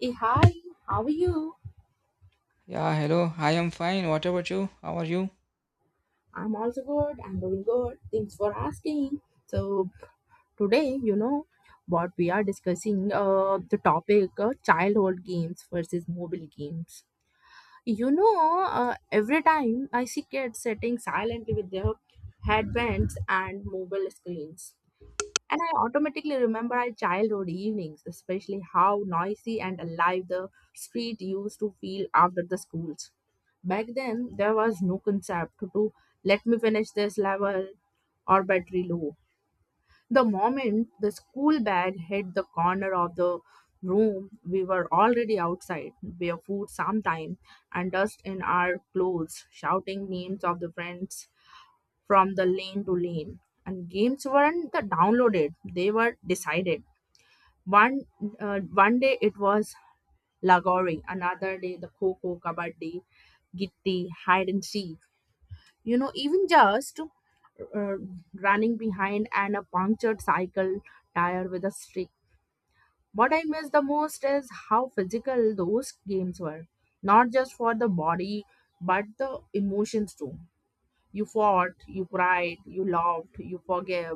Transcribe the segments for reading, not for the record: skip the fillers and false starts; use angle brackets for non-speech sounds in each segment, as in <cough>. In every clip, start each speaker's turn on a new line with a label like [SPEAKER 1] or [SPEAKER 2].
[SPEAKER 1] Hey, hi, how are you?
[SPEAKER 2] Yeah, hello. I am fine. What about you? How are you?
[SPEAKER 1] I'm also good. I'm doing good. Thanks for asking. So today, what we are discussing the topic childhood games versus mobile games. You know, every time I see kids sitting silently with their headbands and mobile screens, and I automatically remember our childhood evenings, especially how noisy and alive the street used to feel after the schools. Back then, there was no concept to let me finish this level or battery low. The moment the school bag hit the corner of the room, we were already outside, barefoot sometime, and dust in our clothes, shouting names of the friends from the lane to lane, and games weren't the downloaded, they were decided. One uh, one day it was lagori, another day the coco kabaddi, gitti, hide and seek, even just running behind and a punctured cycle tire with a stick. What I miss the most is how physical those games were, not just for the body, but the emotions too. You fought, you cried, you loved, you forgave,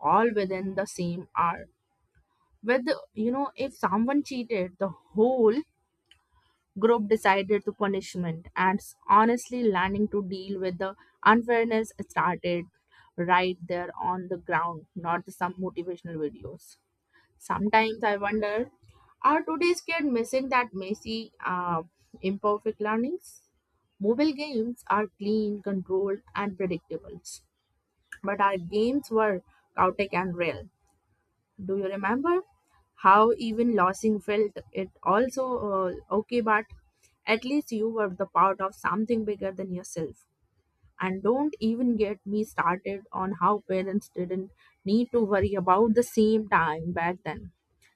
[SPEAKER 1] all within the same hour. With if someone cheated, the whole group decided to punishment and honestly learning to deal with the unfairness started right there on the ground, not the some motivational videos. Sometimes I wonder, are today's kids missing that messy, imperfect learnings? Mobile games are clean, controlled, and predictable. But our games were chaotic and real. Do you remember how even losing felt? It also okay, but at least you were the part of something bigger than yourself. And don't even get me started on how parents didn't need to worry about the same time back then.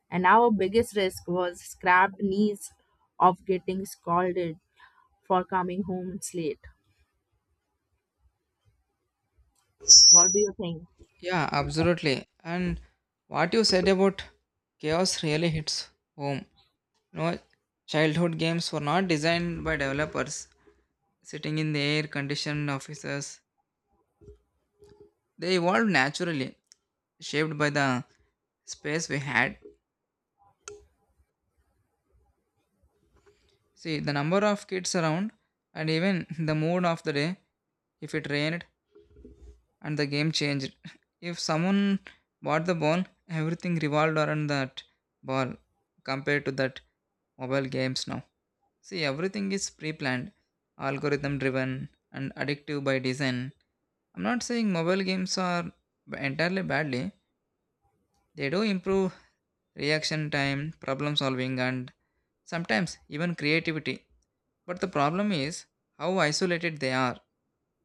[SPEAKER 1] And our biggest risk was scrapped knees of getting scolded for coming home late. What do you think?
[SPEAKER 2] Yeah, absolutely. And what you said about chaos really hits home. No, childhood games were not designed by developers sitting in the air-conditioned offices. They evolved naturally, shaped by the space we had. See, the number of kids around, and even <laughs> the mood of the day, if it rained, and the game changed. <laughs> If someone bought the ball, everything revolved around that ball compared to that mobile games now. See, everything is pre planned, algorithm driven, and addictive by design. I'm not saying mobile games are entirely badly, they do improve reaction time, problem solving, and sometimes even creativity. But the problem is how isolated they are.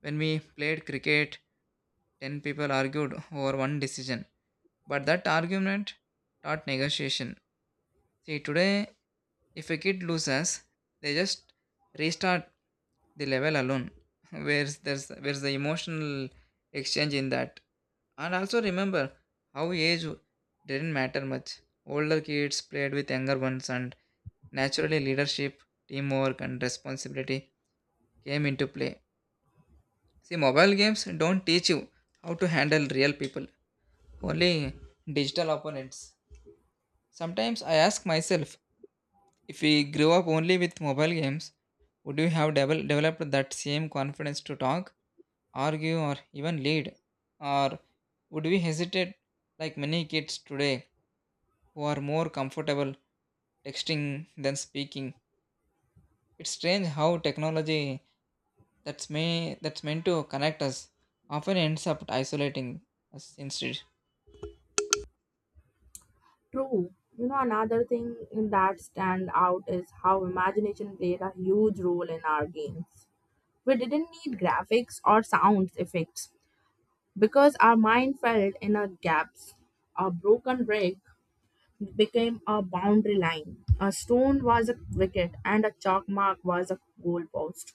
[SPEAKER 2] When we played cricket, 10 people argued over one decision, but that argument taught negotiation. See, today, if a kid loses, they just restart the level alone. <laughs> Where's the emotional exchange in that? And also remember how age didn't matter much. Older kids played with younger ones, and naturally, leadership, teamwork, and responsibility came into play. See, mobile games don't teach you how to handle real people. Only digital opponents. Sometimes I ask myself, if we grew up only with mobile games, would we have developed that same confidence to talk, argue, or even lead? Or would we hesitate like many kids today who are more comfortable texting than speaking? It's strange how technology that's meant to connect us often ends up isolating us instead.
[SPEAKER 1] True. You know, another thing that stand out is how imagination played a huge role in our games. We didn't need graphics or sound effects because our mind felt inner gaps. A broken brick became a boundary line. A stone was a wicket and a chalk mark was a goalpost.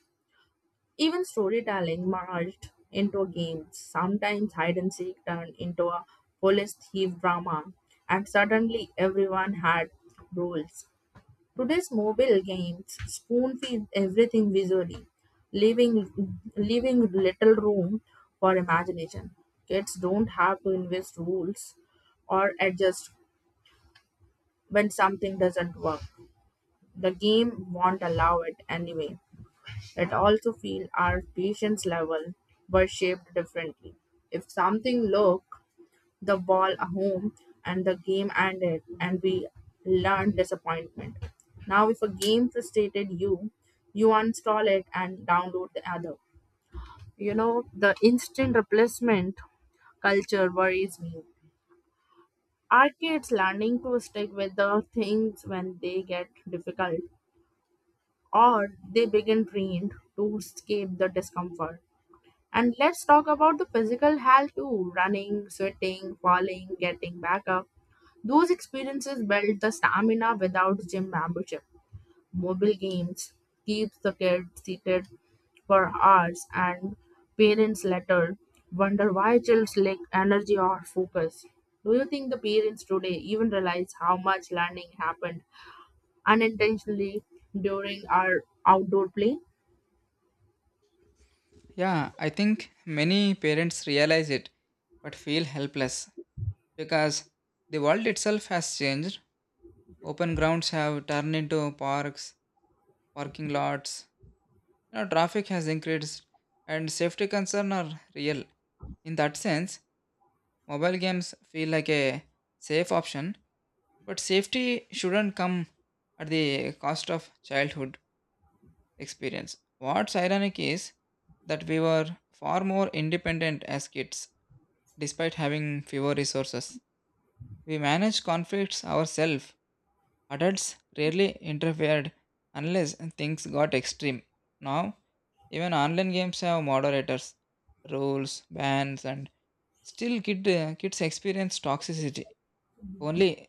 [SPEAKER 1] Even storytelling merged into games. Sometimes hide and seek turned into a police thief drama, and suddenly everyone had rules. Today's mobile games spoon feed everything visually, leaving little room for imagination. Kids don't have to invest rules or adjust when something doesn't work. The game won't allow it anyway, that also feel our patience level were shaped differently. If something looked the ball home and the game ended and we learned disappointment. Now if a game frustrated you, you uninstall it and download the other. You know, the instant replacement culture worries me. Are kids learning to stick with the things when they get difficult or they begin trained to escape the discomfort? And let's talk about the physical health too, running, sweating, falling, getting back up. Those experiences build the stamina without gym membership. Mobile games keeps the kid seated for hours and parents later wonder why children lack energy or focus. Do you think the parents today even realize how much learning happened unintentionally during our outdoor play?
[SPEAKER 2] Yeah, I think many parents realize it but feel helpless because the world itself has changed. Open grounds have turned into parks, parking lots, you know, traffic has increased, and safety concerns are real. In that sense, mobile games feel like a safe option, but safety shouldn't come at the cost of childhood experience. What's ironic is that we were far more independent as kids, despite having fewer resources. We managed conflicts ourselves. Adults rarely interfered unless things got extreme. Now, even online games have moderators, rules, bans, and still kids experience toxicity. Only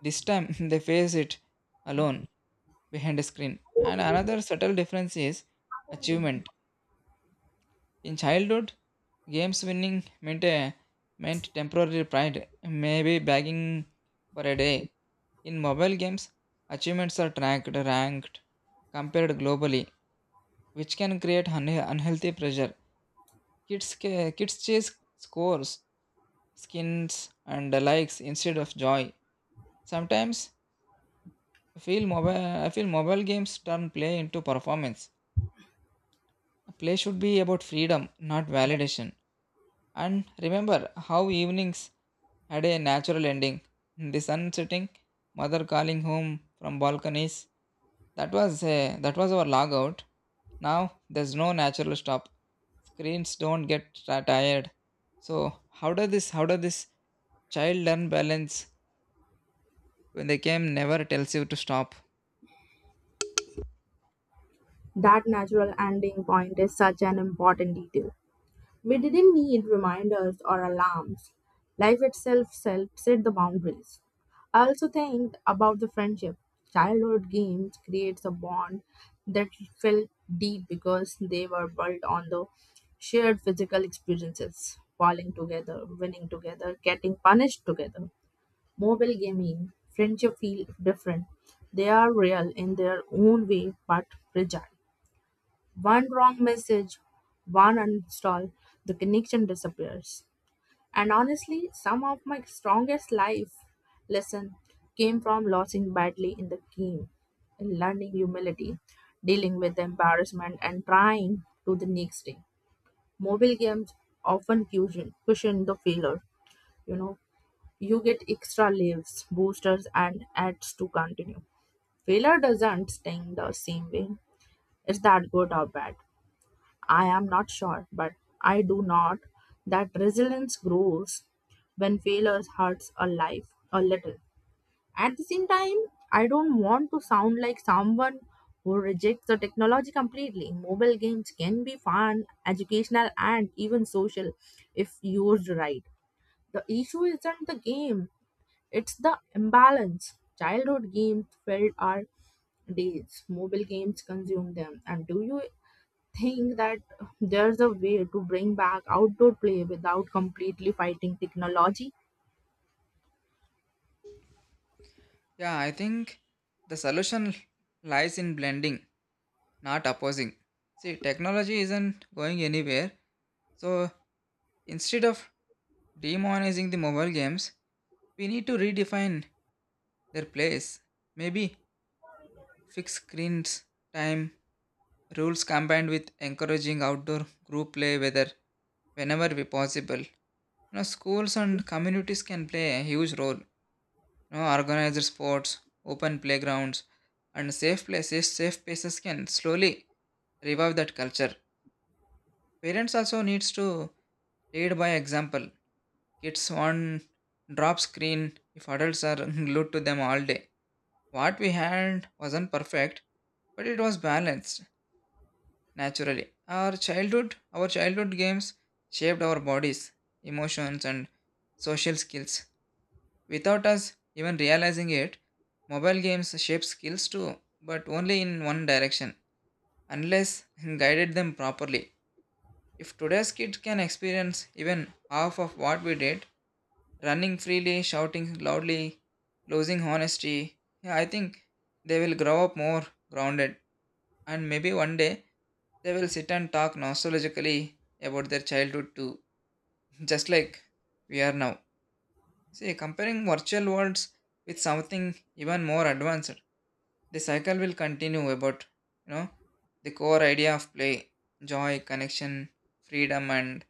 [SPEAKER 2] this time <laughs> they face it alone behind a screen. And another subtle difference is achievement. In childhood games, winning meant temporary pride, maybe begging for a day. In mobile games, achievements are tracked, ranked, compared globally, which can create unhealthy pressure. Kids chase scores, skins, and likes instead of joy. Sometimes I feel mobile games turn play into performance. Play should be about freedom, not validation. And remember how evenings had a natural ending. The sun setting, mother calling home from balconies. That was our logout. Now there's no natural stop. Screens don't get tired. So how does this child learn balance when the game never tells you to stop?
[SPEAKER 1] That natural ending point is such an important detail. We didn't need reminders or alarms. Life itself set the boundaries. I also think about the friendship. Childhood games creates a bond that felt deep because they were built on the shared physical experiences, falling together, winning together, getting punished together. Mobile gaming, friendship feel different. They are real in their own way but fragile. One wrong message, one uninstall, the connection disappears. And honestly, some of my strongest life lesson came from losing badly in the game, and learning humility, dealing with embarrassment, and trying to the next day. Mobile games often cushion the failure. You know, you get extra lives, boosters, and ads to continue. Failure doesn't sting the same way. Is that good or bad? I am not sure, but I do not that resilience grows when failures hurts a life a little. At the same time, I don't want to sound like someone who rejects the technology completely. Mobile games can be fun, educational, and even social if used right. The issue isn't the game, it's the imbalance. Childhood games filled our days, mobile games consume them. And do you think that there's a way to bring back outdoor play without completely fighting technology?
[SPEAKER 2] Yeah, I think the solution lies in blending, not opposing. See, technology isn't going anywhere. So instead of demonizing the mobile games, we need to redefine their place. Maybe fix screens, time, rules combined with encouraging outdoor group play whether whenever we possible. You know, schools and communities can play a huge role. You know, organized sports, open playgrounds, and safe spaces can slowly revive that culture. Parents also needs to lead by example. Kids on drop screen if adults are <laughs> glued to them all day. What we had wasn't perfect, but it was balanced naturally. Our childhood games shaped our bodies, emotions, and social skills. Without us even realizing it, mobile games shape skills too, but only in one direction, unless <laughs> guided them properly. If today's kids can experience even half of what we did, running freely, shouting loudly, losing honesty. Yeah, I think they will grow up more grounded, and maybe one day they will sit and talk nostalgically about their childhood too, <laughs> just like we are now. See, comparing virtual worlds with something even more advanced, the cycle will continue about, you know, the core idea of play, joy, connection, freedom, and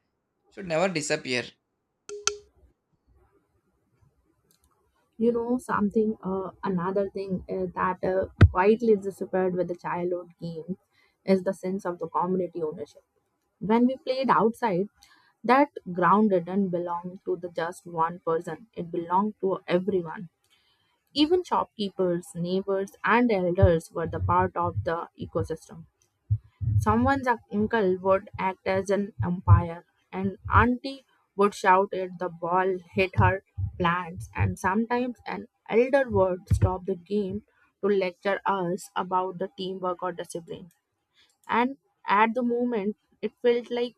[SPEAKER 2] should never disappear.
[SPEAKER 1] You know something another thing that quietly disappeared with the childhood game is the sense of the community ownership. When we played outside, that ground didn't belong to the just one person, it belonged to everyone. Even shopkeepers, neighbors and elders were the part of the ecosystem. Someone's uncle would act as an umpire, and auntie would shout at the ball, hit her plants, and sometimes an elder would stop the game to lecture us about the teamwork or discipline. And at the moment, it felt like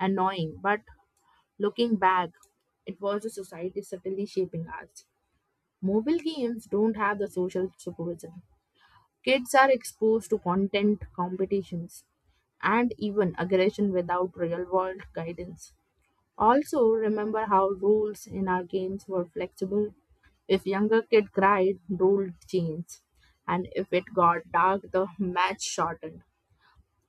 [SPEAKER 1] annoying, but looking back, it was a society subtly shaping us. Mobile games don't have the social supervision. Kids are exposed to content, competitions, and even aggression without real world guidance. Also, remember how rules in our games were flexible. If younger kid cried, rule changed, and if it got dark, the match shortened.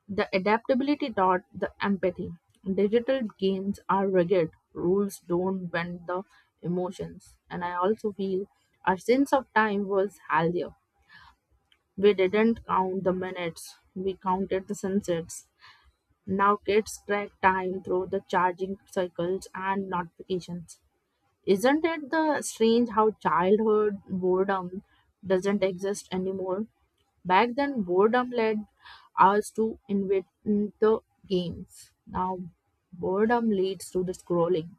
[SPEAKER 1] The adaptability taught the empathy. Digital games are rigid, rules don't bend the emotions, and I also feel our sense of time was healthier. We didn't count the minutes, we counted the sunsets. Now kids track time through the charging cycles and notifications. Isn't it the strange how childhood boredom doesn't exist anymore? Back then, boredom led us to invent the games. Now, boredom leads to the scrolling.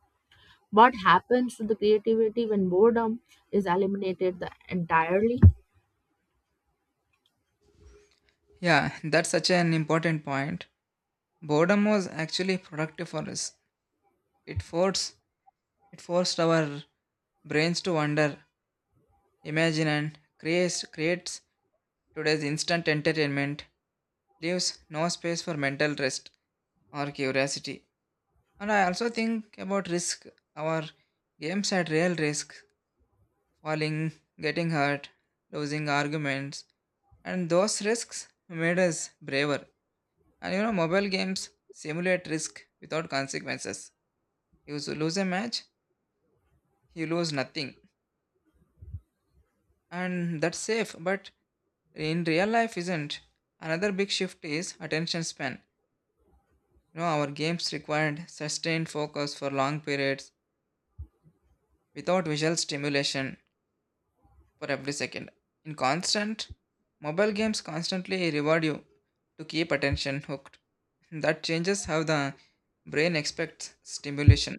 [SPEAKER 1] What happens to the creativity when boredom is eliminated the entirely?
[SPEAKER 2] Yeah, <laughs> that's such an important point. Boredom was actually productive for us. It forced it forced our brains to wonder, imagine and create creates today's instant entertainment leaves no space for mental rest or curiosity. And I also think about risk. Our games had real risk falling, getting hurt, losing arguments, and those risks made us braver. And you know, mobile games simulate risk without consequences. You lose a match, you lose nothing. And that's safe, but in real life isn't. Another big shift is attention span. You know, our games required sustained focus for long periods without visual stimulation for every second. In constant, mobile games constantly reward you to keep attention hooked. That changes how the brain expects stimulation.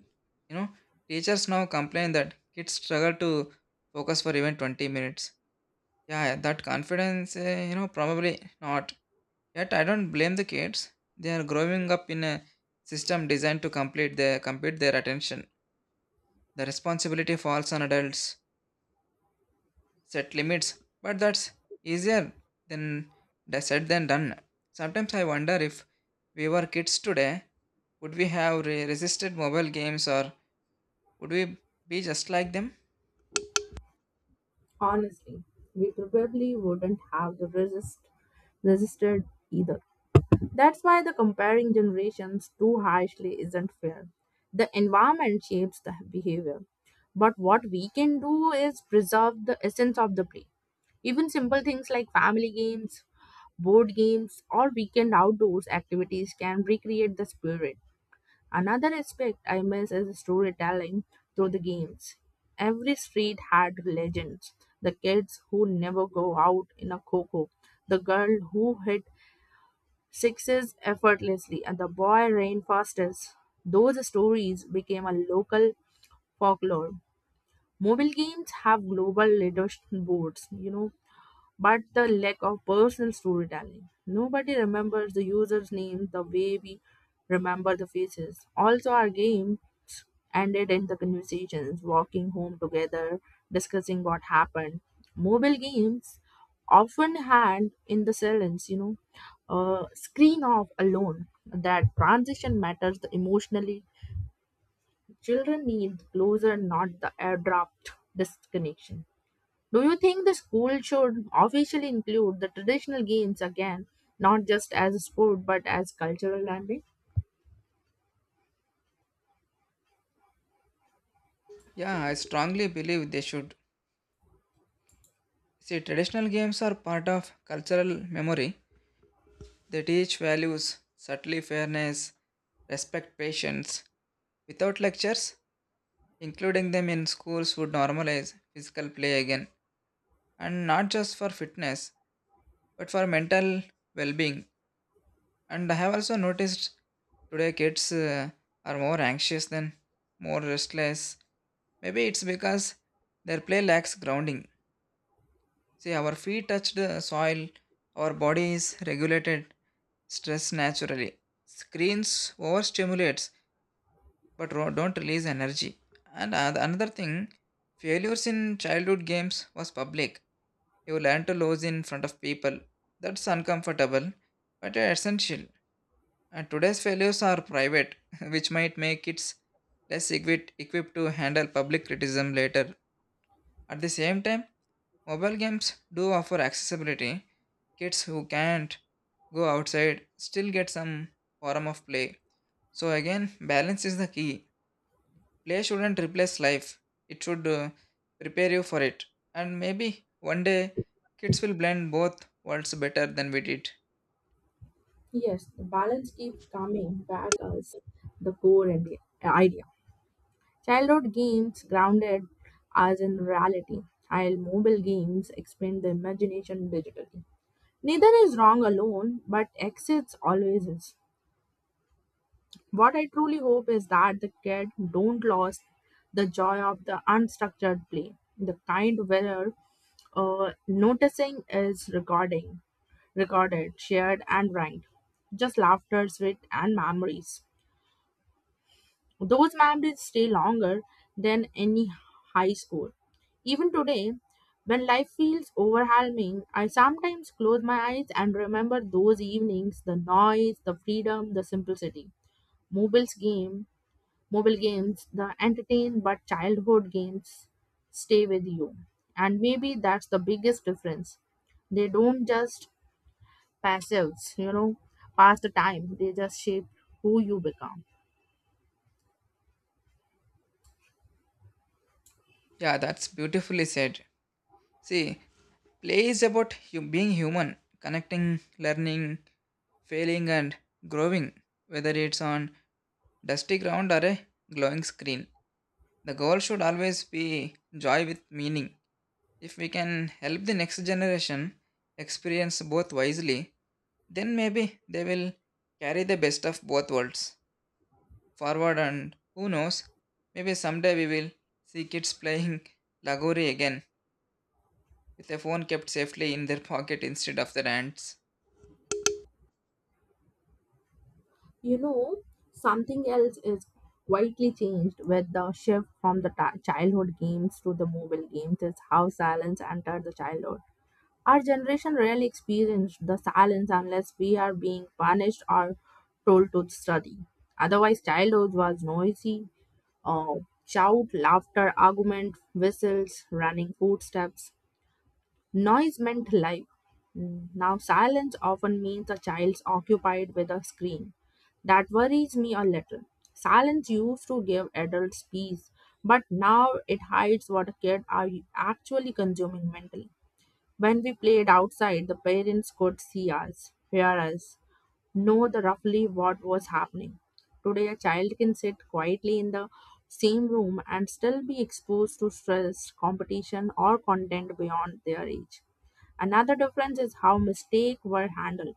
[SPEAKER 2] You know, teachers now complain that kids struggle to focus for even 20 minutes. Yeah, yeah, that confidence, you know, probably not. Yet I don't blame the kids. They are growing up in a system designed to complete their compete their attention. The responsibility falls on adults. Set limits, but that's easier than the said than done. Sometimes I wonder if we were kids today, would we have resisted mobile games, or would we be just like them?
[SPEAKER 1] Honestly, we probably wouldn't have the resisted either. That's why the comparing generations too harshly isn't fair. The environment shapes the behavior. But what we can do is preserve the essence of the play. Even simple things like family games, board games, or weekend outdoors activities can recreate the spirit. Another aspect I miss is storytelling through the games. Every street had legends. The kids who never go out in a cocoa, the girl who hit sixes effortlessly, and the boy ran fastest. Those stories became a local folklore. Mobile games have global leadership boards, you know, but the lack of personal storytelling. Nobody remembers the user's name the way we remember the faces. Also, our games ended in the conversations, walking home together, discussing what happened. Mobile games often had in the silence, screen off alone. That transition matters emotionally. Children need closer, not the abrupt disconnection. Do you think the school should officially include the traditional games again, not just as a sport but as cultural landing?
[SPEAKER 2] Yeah, I strongly believe they should. See, traditional games are part of cultural memory. They teach values, subtly fairness, respect patience. Without lectures, including them in schools would normalize physical play again, and not just for fitness, but for mental well being. And I have also noticed today kids are more anxious than more restless. Maybe it's because their play lacks grounding. See, our feet touch the soil, our body is regulated stress naturally. Screens overstimulates but don't release energy. And another thing, failures in childhood games was public. You learn to lose in front of people. That's uncomfortable but essential. And today's failures are private, <laughs> which might make kids equipped to handle public criticism later. At the same time, mobile games do offer accessibility. Kids who can't go outside still get some form of play. So, again, balance is the key. Play shouldn't replace life, it should prepare you for it. And maybe one day, kids will blend both worlds better than we did.
[SPEAKER 1] Yes, the balance keeps coming back as the core and idea. Childhood games grounded us in reality, while mobile games expand the imagination digitally. Neither is wrong alone, but exits always is. What I truly hope is that the kid don't lose the joy of the unstructured play, the kind where noticing is recording, recorded, shared, and ranked. Just laughter, sweat, and memories. Those memories stay longer than any high score. Even today, when life feels overwhelming, I sometimes close my eyes and remember those evenings, the noise, the freedom, the simplicity. Mobile's game mobile games the entertain but childhood games stay with you, and maybe that's the biggest difference. They don't just passives pass the time, they just shape who you become.
[SPEAKER 2] Yeah, that's beautifully said. See, play is about being human, connecting, learning, failing, and growing, whether it's on dusty ground or a glowing screen. The goal should always be joy with meaning. If we can help the next generation experience both wisely, then maybe they will carry the best of both worlds forward, and who knows, maybe someday we will see kids playing Lagori again with a phone kept safely in their pocket instead of their hands.
[SPEAKER 1] You know something else is quietly changed with the shift from the ti childhood games to the mobile games is how silence entered the childhood. Our generation rarely experienced the silence unless we are being punished or told to study. Otherwise, childhood was noisy, uh, shout, laughter, argument, whistles, running footsteps. Noise meant life. Now, silence often means a child's occupied with a screen. That worries me a little. Silence used to give adults peace, but now it hides what a kid are actually consuming mentally. When we played outside, the parents could see us, hear us, know the roughly what was happening. Today, a child can sit quietly in the same room and still be exposed to stress, competition, or content beyond their age. Another difference is how mistakes were handled.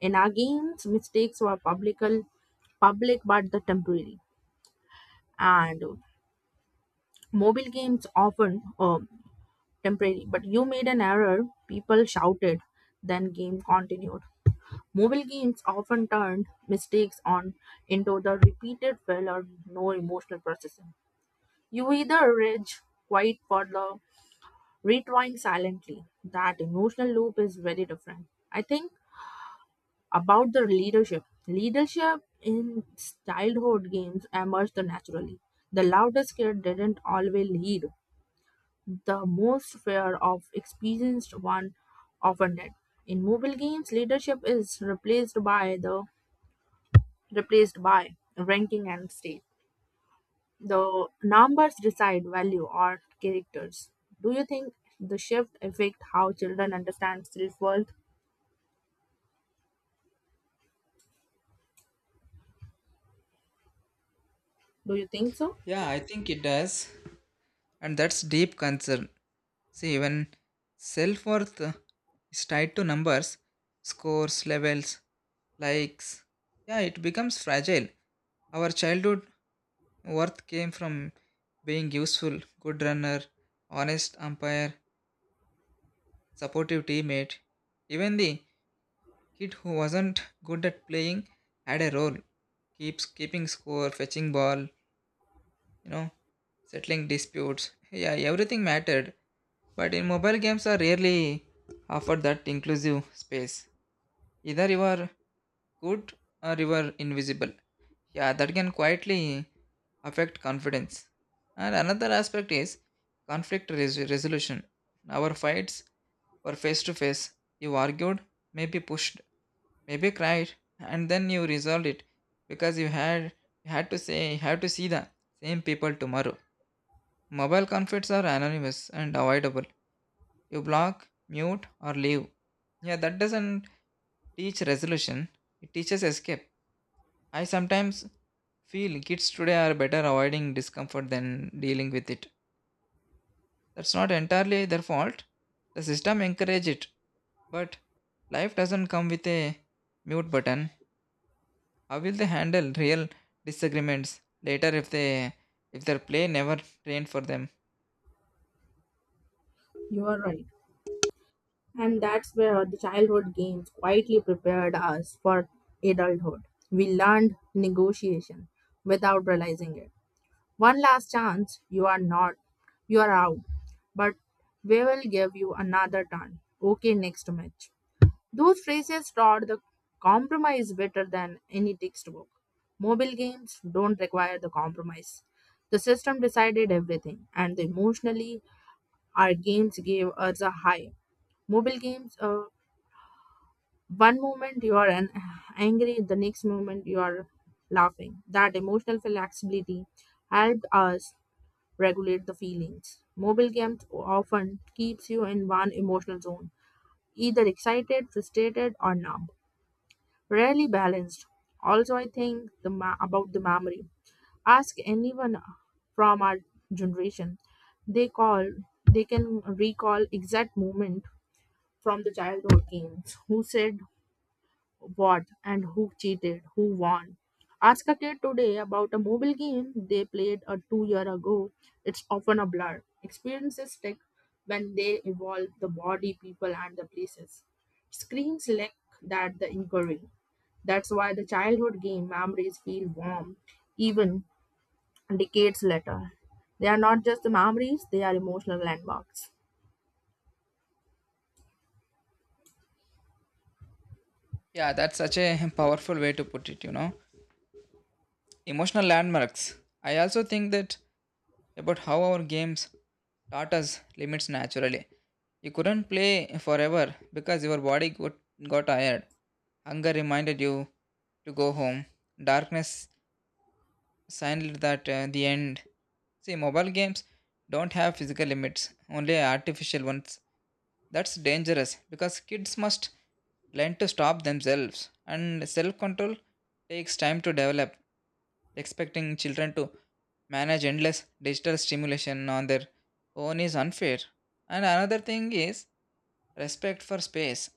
[SPEAKER 1] In our games, mistakes were publical, public but the temporary, and mobile games often temporary. But you made an error, people shouted, then game continued. Mobile games often turned mistakes on into the repeated fail or no emotional processing. You either rage, quiet for the retrying silently. That emotional loop is very different. I think about the leadership. Leadership in childhood games emerged naturally. The loudest kid didn't always lead. The most fear of experienced one often did. In mobile games, leadership is replaced by ranking and state. The numbers decide value or characters. Do you think the shift affect how children understand self worth? Do you think so?
[SPEAKER 2] Yeah, I think it does. And that's deep concern. See, when self worth is tied to numbers, scores, levels, likes, yeah, it becomes fragile. Our childhood worth came from being useful, good runner, honest umpire, supportive teammate. Even the kid who wasn't good at playing had a role, keeps keeping score, fetching ball, you know, settling disputes. Yeah, everything mattered. But in mobile games are rarely offered that inclusive space. Either you are good or you are invisible. Yeah, that can quietly affect confidence. And another aspect is conflict resolution. Our fights were face to face. You argued, maybe pushed, maybe cried, and then you resolved it because you have to see the same people tomorrow. Mobile conflicts are anonymous and avoidable. You block, mute, or leave. Yeah, that doesn't teach resolution. It teaches escape. I sometimes feel kids today are better avoiding discomfort than dealing with it. That's not entirely their fault. The system encourage it, but life doesn't come with a mute button. How will they handle real disagreements later if their play never trained for them?
[SPEAKER 1] You are right. And that's where the childhood games quietly prepared us for adulthood. We learned negotiation without realizing it. One last chance. You are not. You are out. But we will give you another turn. Okay, next match. Those phrases taught the compromise better than any textbook. Mobile games don't require the compromise. The system decided everything, and emotionally, our games gave us a high. Mobile games, one moment you are angry, the next moment you are laughing. That emotional flexibility helped us regulate the feelings. Mobile games often keeps you in one emotional zone, either excited, frustrated, or numb, rarely balanced. Also, I think the about the memory. Ask anyone from our generation; they call they can recall exact moment from the childhood games. Who said what and who cheated, who won. Ask a kid today about a mobile game they played a 2 year ago. It's often a blur. Experiences stick when they evolve the body, people, and the places. Screens lack that the inquiry. That's why the childhood game memories feel warm even decades later. They are not just the memories, they are emotional landmarks.
[SPEAKER 2] Yeah, that's such a powerful way to put it, you know. Emotional landmarks. I also think that about how our games taught us limits naturally. You couldn't play forever because your body got tired. Hunger reminded you to go home. Darkness signaled that the end. See, mobile games don't have physical limits, only artificial ones. That's dangerous because kids must learn to stop themselves, and self control takes time to develop. Expecting children to manage endless digital stimulation on their own is unfair. And another thing is respect for space.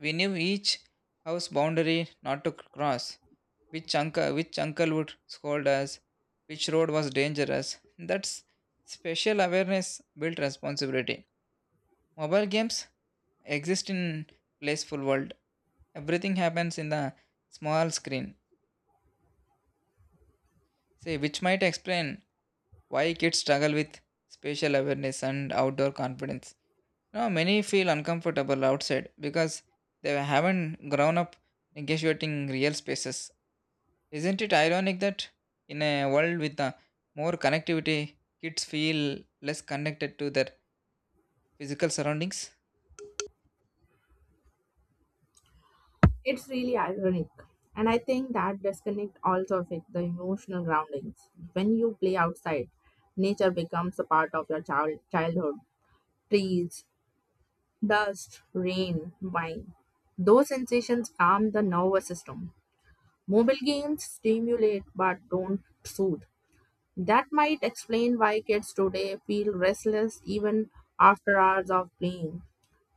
[SPEAKER 2] We knew each house boundary not to cross, which uncle would scold us, which road was dangerous. That's special awareness built responsibility. Mobile games exist in playful world. Everything happens in the small screen. See, which might explain why kids struggle with spatial awareness and outdoor confidence. Now, many feel uncomfortable outside because they haven't grown up negotiating real spaces. Isn't it ironic that in a world with more connectivity, kids feel less connected to their physical surroundings?
[SPEAKER 1] It's really ironic. And I think that disconnect also affects the emotional groundings. When you play outside, nature becomes a part of your childhood. Trees, dust, rain, wine. Those sensations calm the nervous system. Mobile games stimulate but don't soothe. That might explain why kids today feel restless even after hours of playing.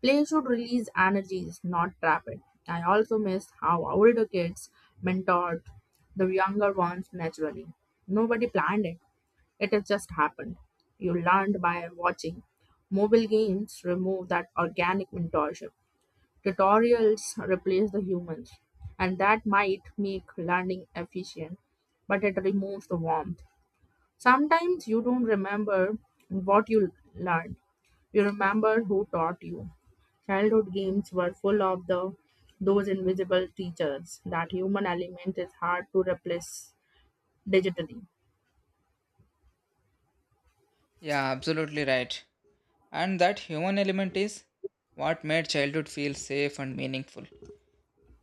[SPEAKER 1] Play should release energies, not trap it. I also miss how older kids mentored the younger ones naturally. Nobody planned it, it has just happened. You learned by watching. Mobile games remove that organic mentorship. Tutorials replace the humans, and that might make learning efficient, but it removes the warmth. Sometimes you don't remember what you learned, you remember who taught you. Childhood games were full of the those invisible teachers. That human element is hard to replace digitally.
[SPEAKER 2] Yeah, absolutely right. And that human element is what made childhood feel safe and meaningful. You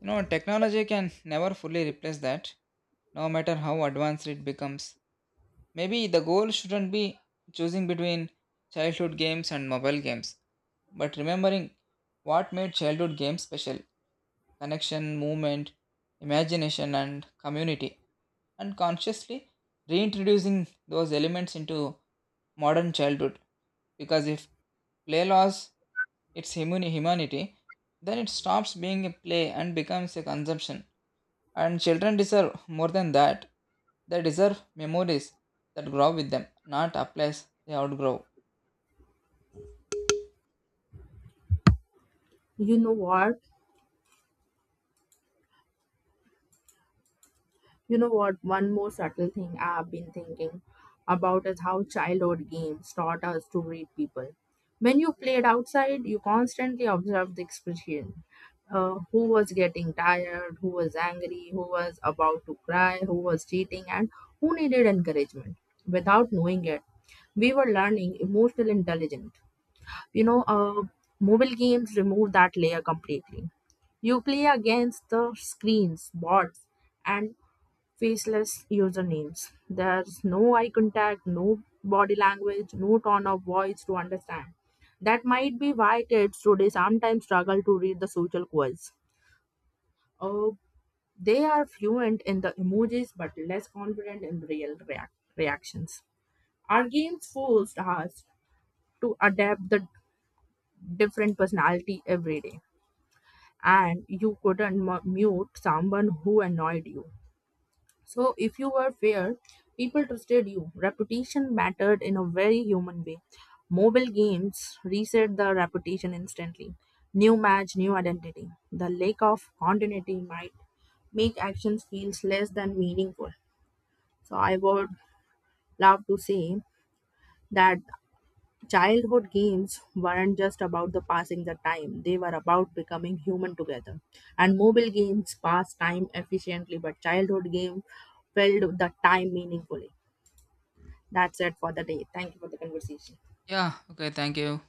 [SPEAKER 2] know, technology can never fully replace that, no matter how advanced it becomes. Maybe the goal shouldn't be choosing between childhood games and mobile games, but remembering what made childhood games special. Connection, movement, imagination, and community, and consciously reintroducing those elements into modern childhood. Because if play loss its humanity, then it stops being a play and becomes a consumption. And children deserve more than that. They deserve memories that grow with them, not a place they outgrow.
[SPEAKER 1] You know what? You know what? One more subtle thing I've been thinking about is how childhood games taught us to read people. When you played outside, you constantly observed the expression. Who was getting tired, who was angry, who was about to cry, who was cheating, and who needed encouragement. Without knowing it, we were learning emotional intelligence. You know, uh, Mobile games remove that layer completely. You play against the screens bots and faceless usernames. There's no eye contact, no body language, no tone of voice to understand. That might be why kids today sometimes struggle to read the social cues. Uh, they are fluent in the emojis but less confident in real reactions. Our games forced us to adapt the different personality every day, and you couldn't mute someone who annoyed you. So, if you were fair, people trusted you. Reputation mattered in a very human way. Mobile games reset the reputation instantly. New match, new identity. The lack of continuity might make actions feels less than meaningful. So, I would love to say that childhood games weren't just about the passing the time, they were about becoming human together, and mobile games pass time efficiently, but childhood games filled the time meaningfully. That's it for the day. Thank you for the conversation.
[SPEAKER 2] Yeah, okay, thank you.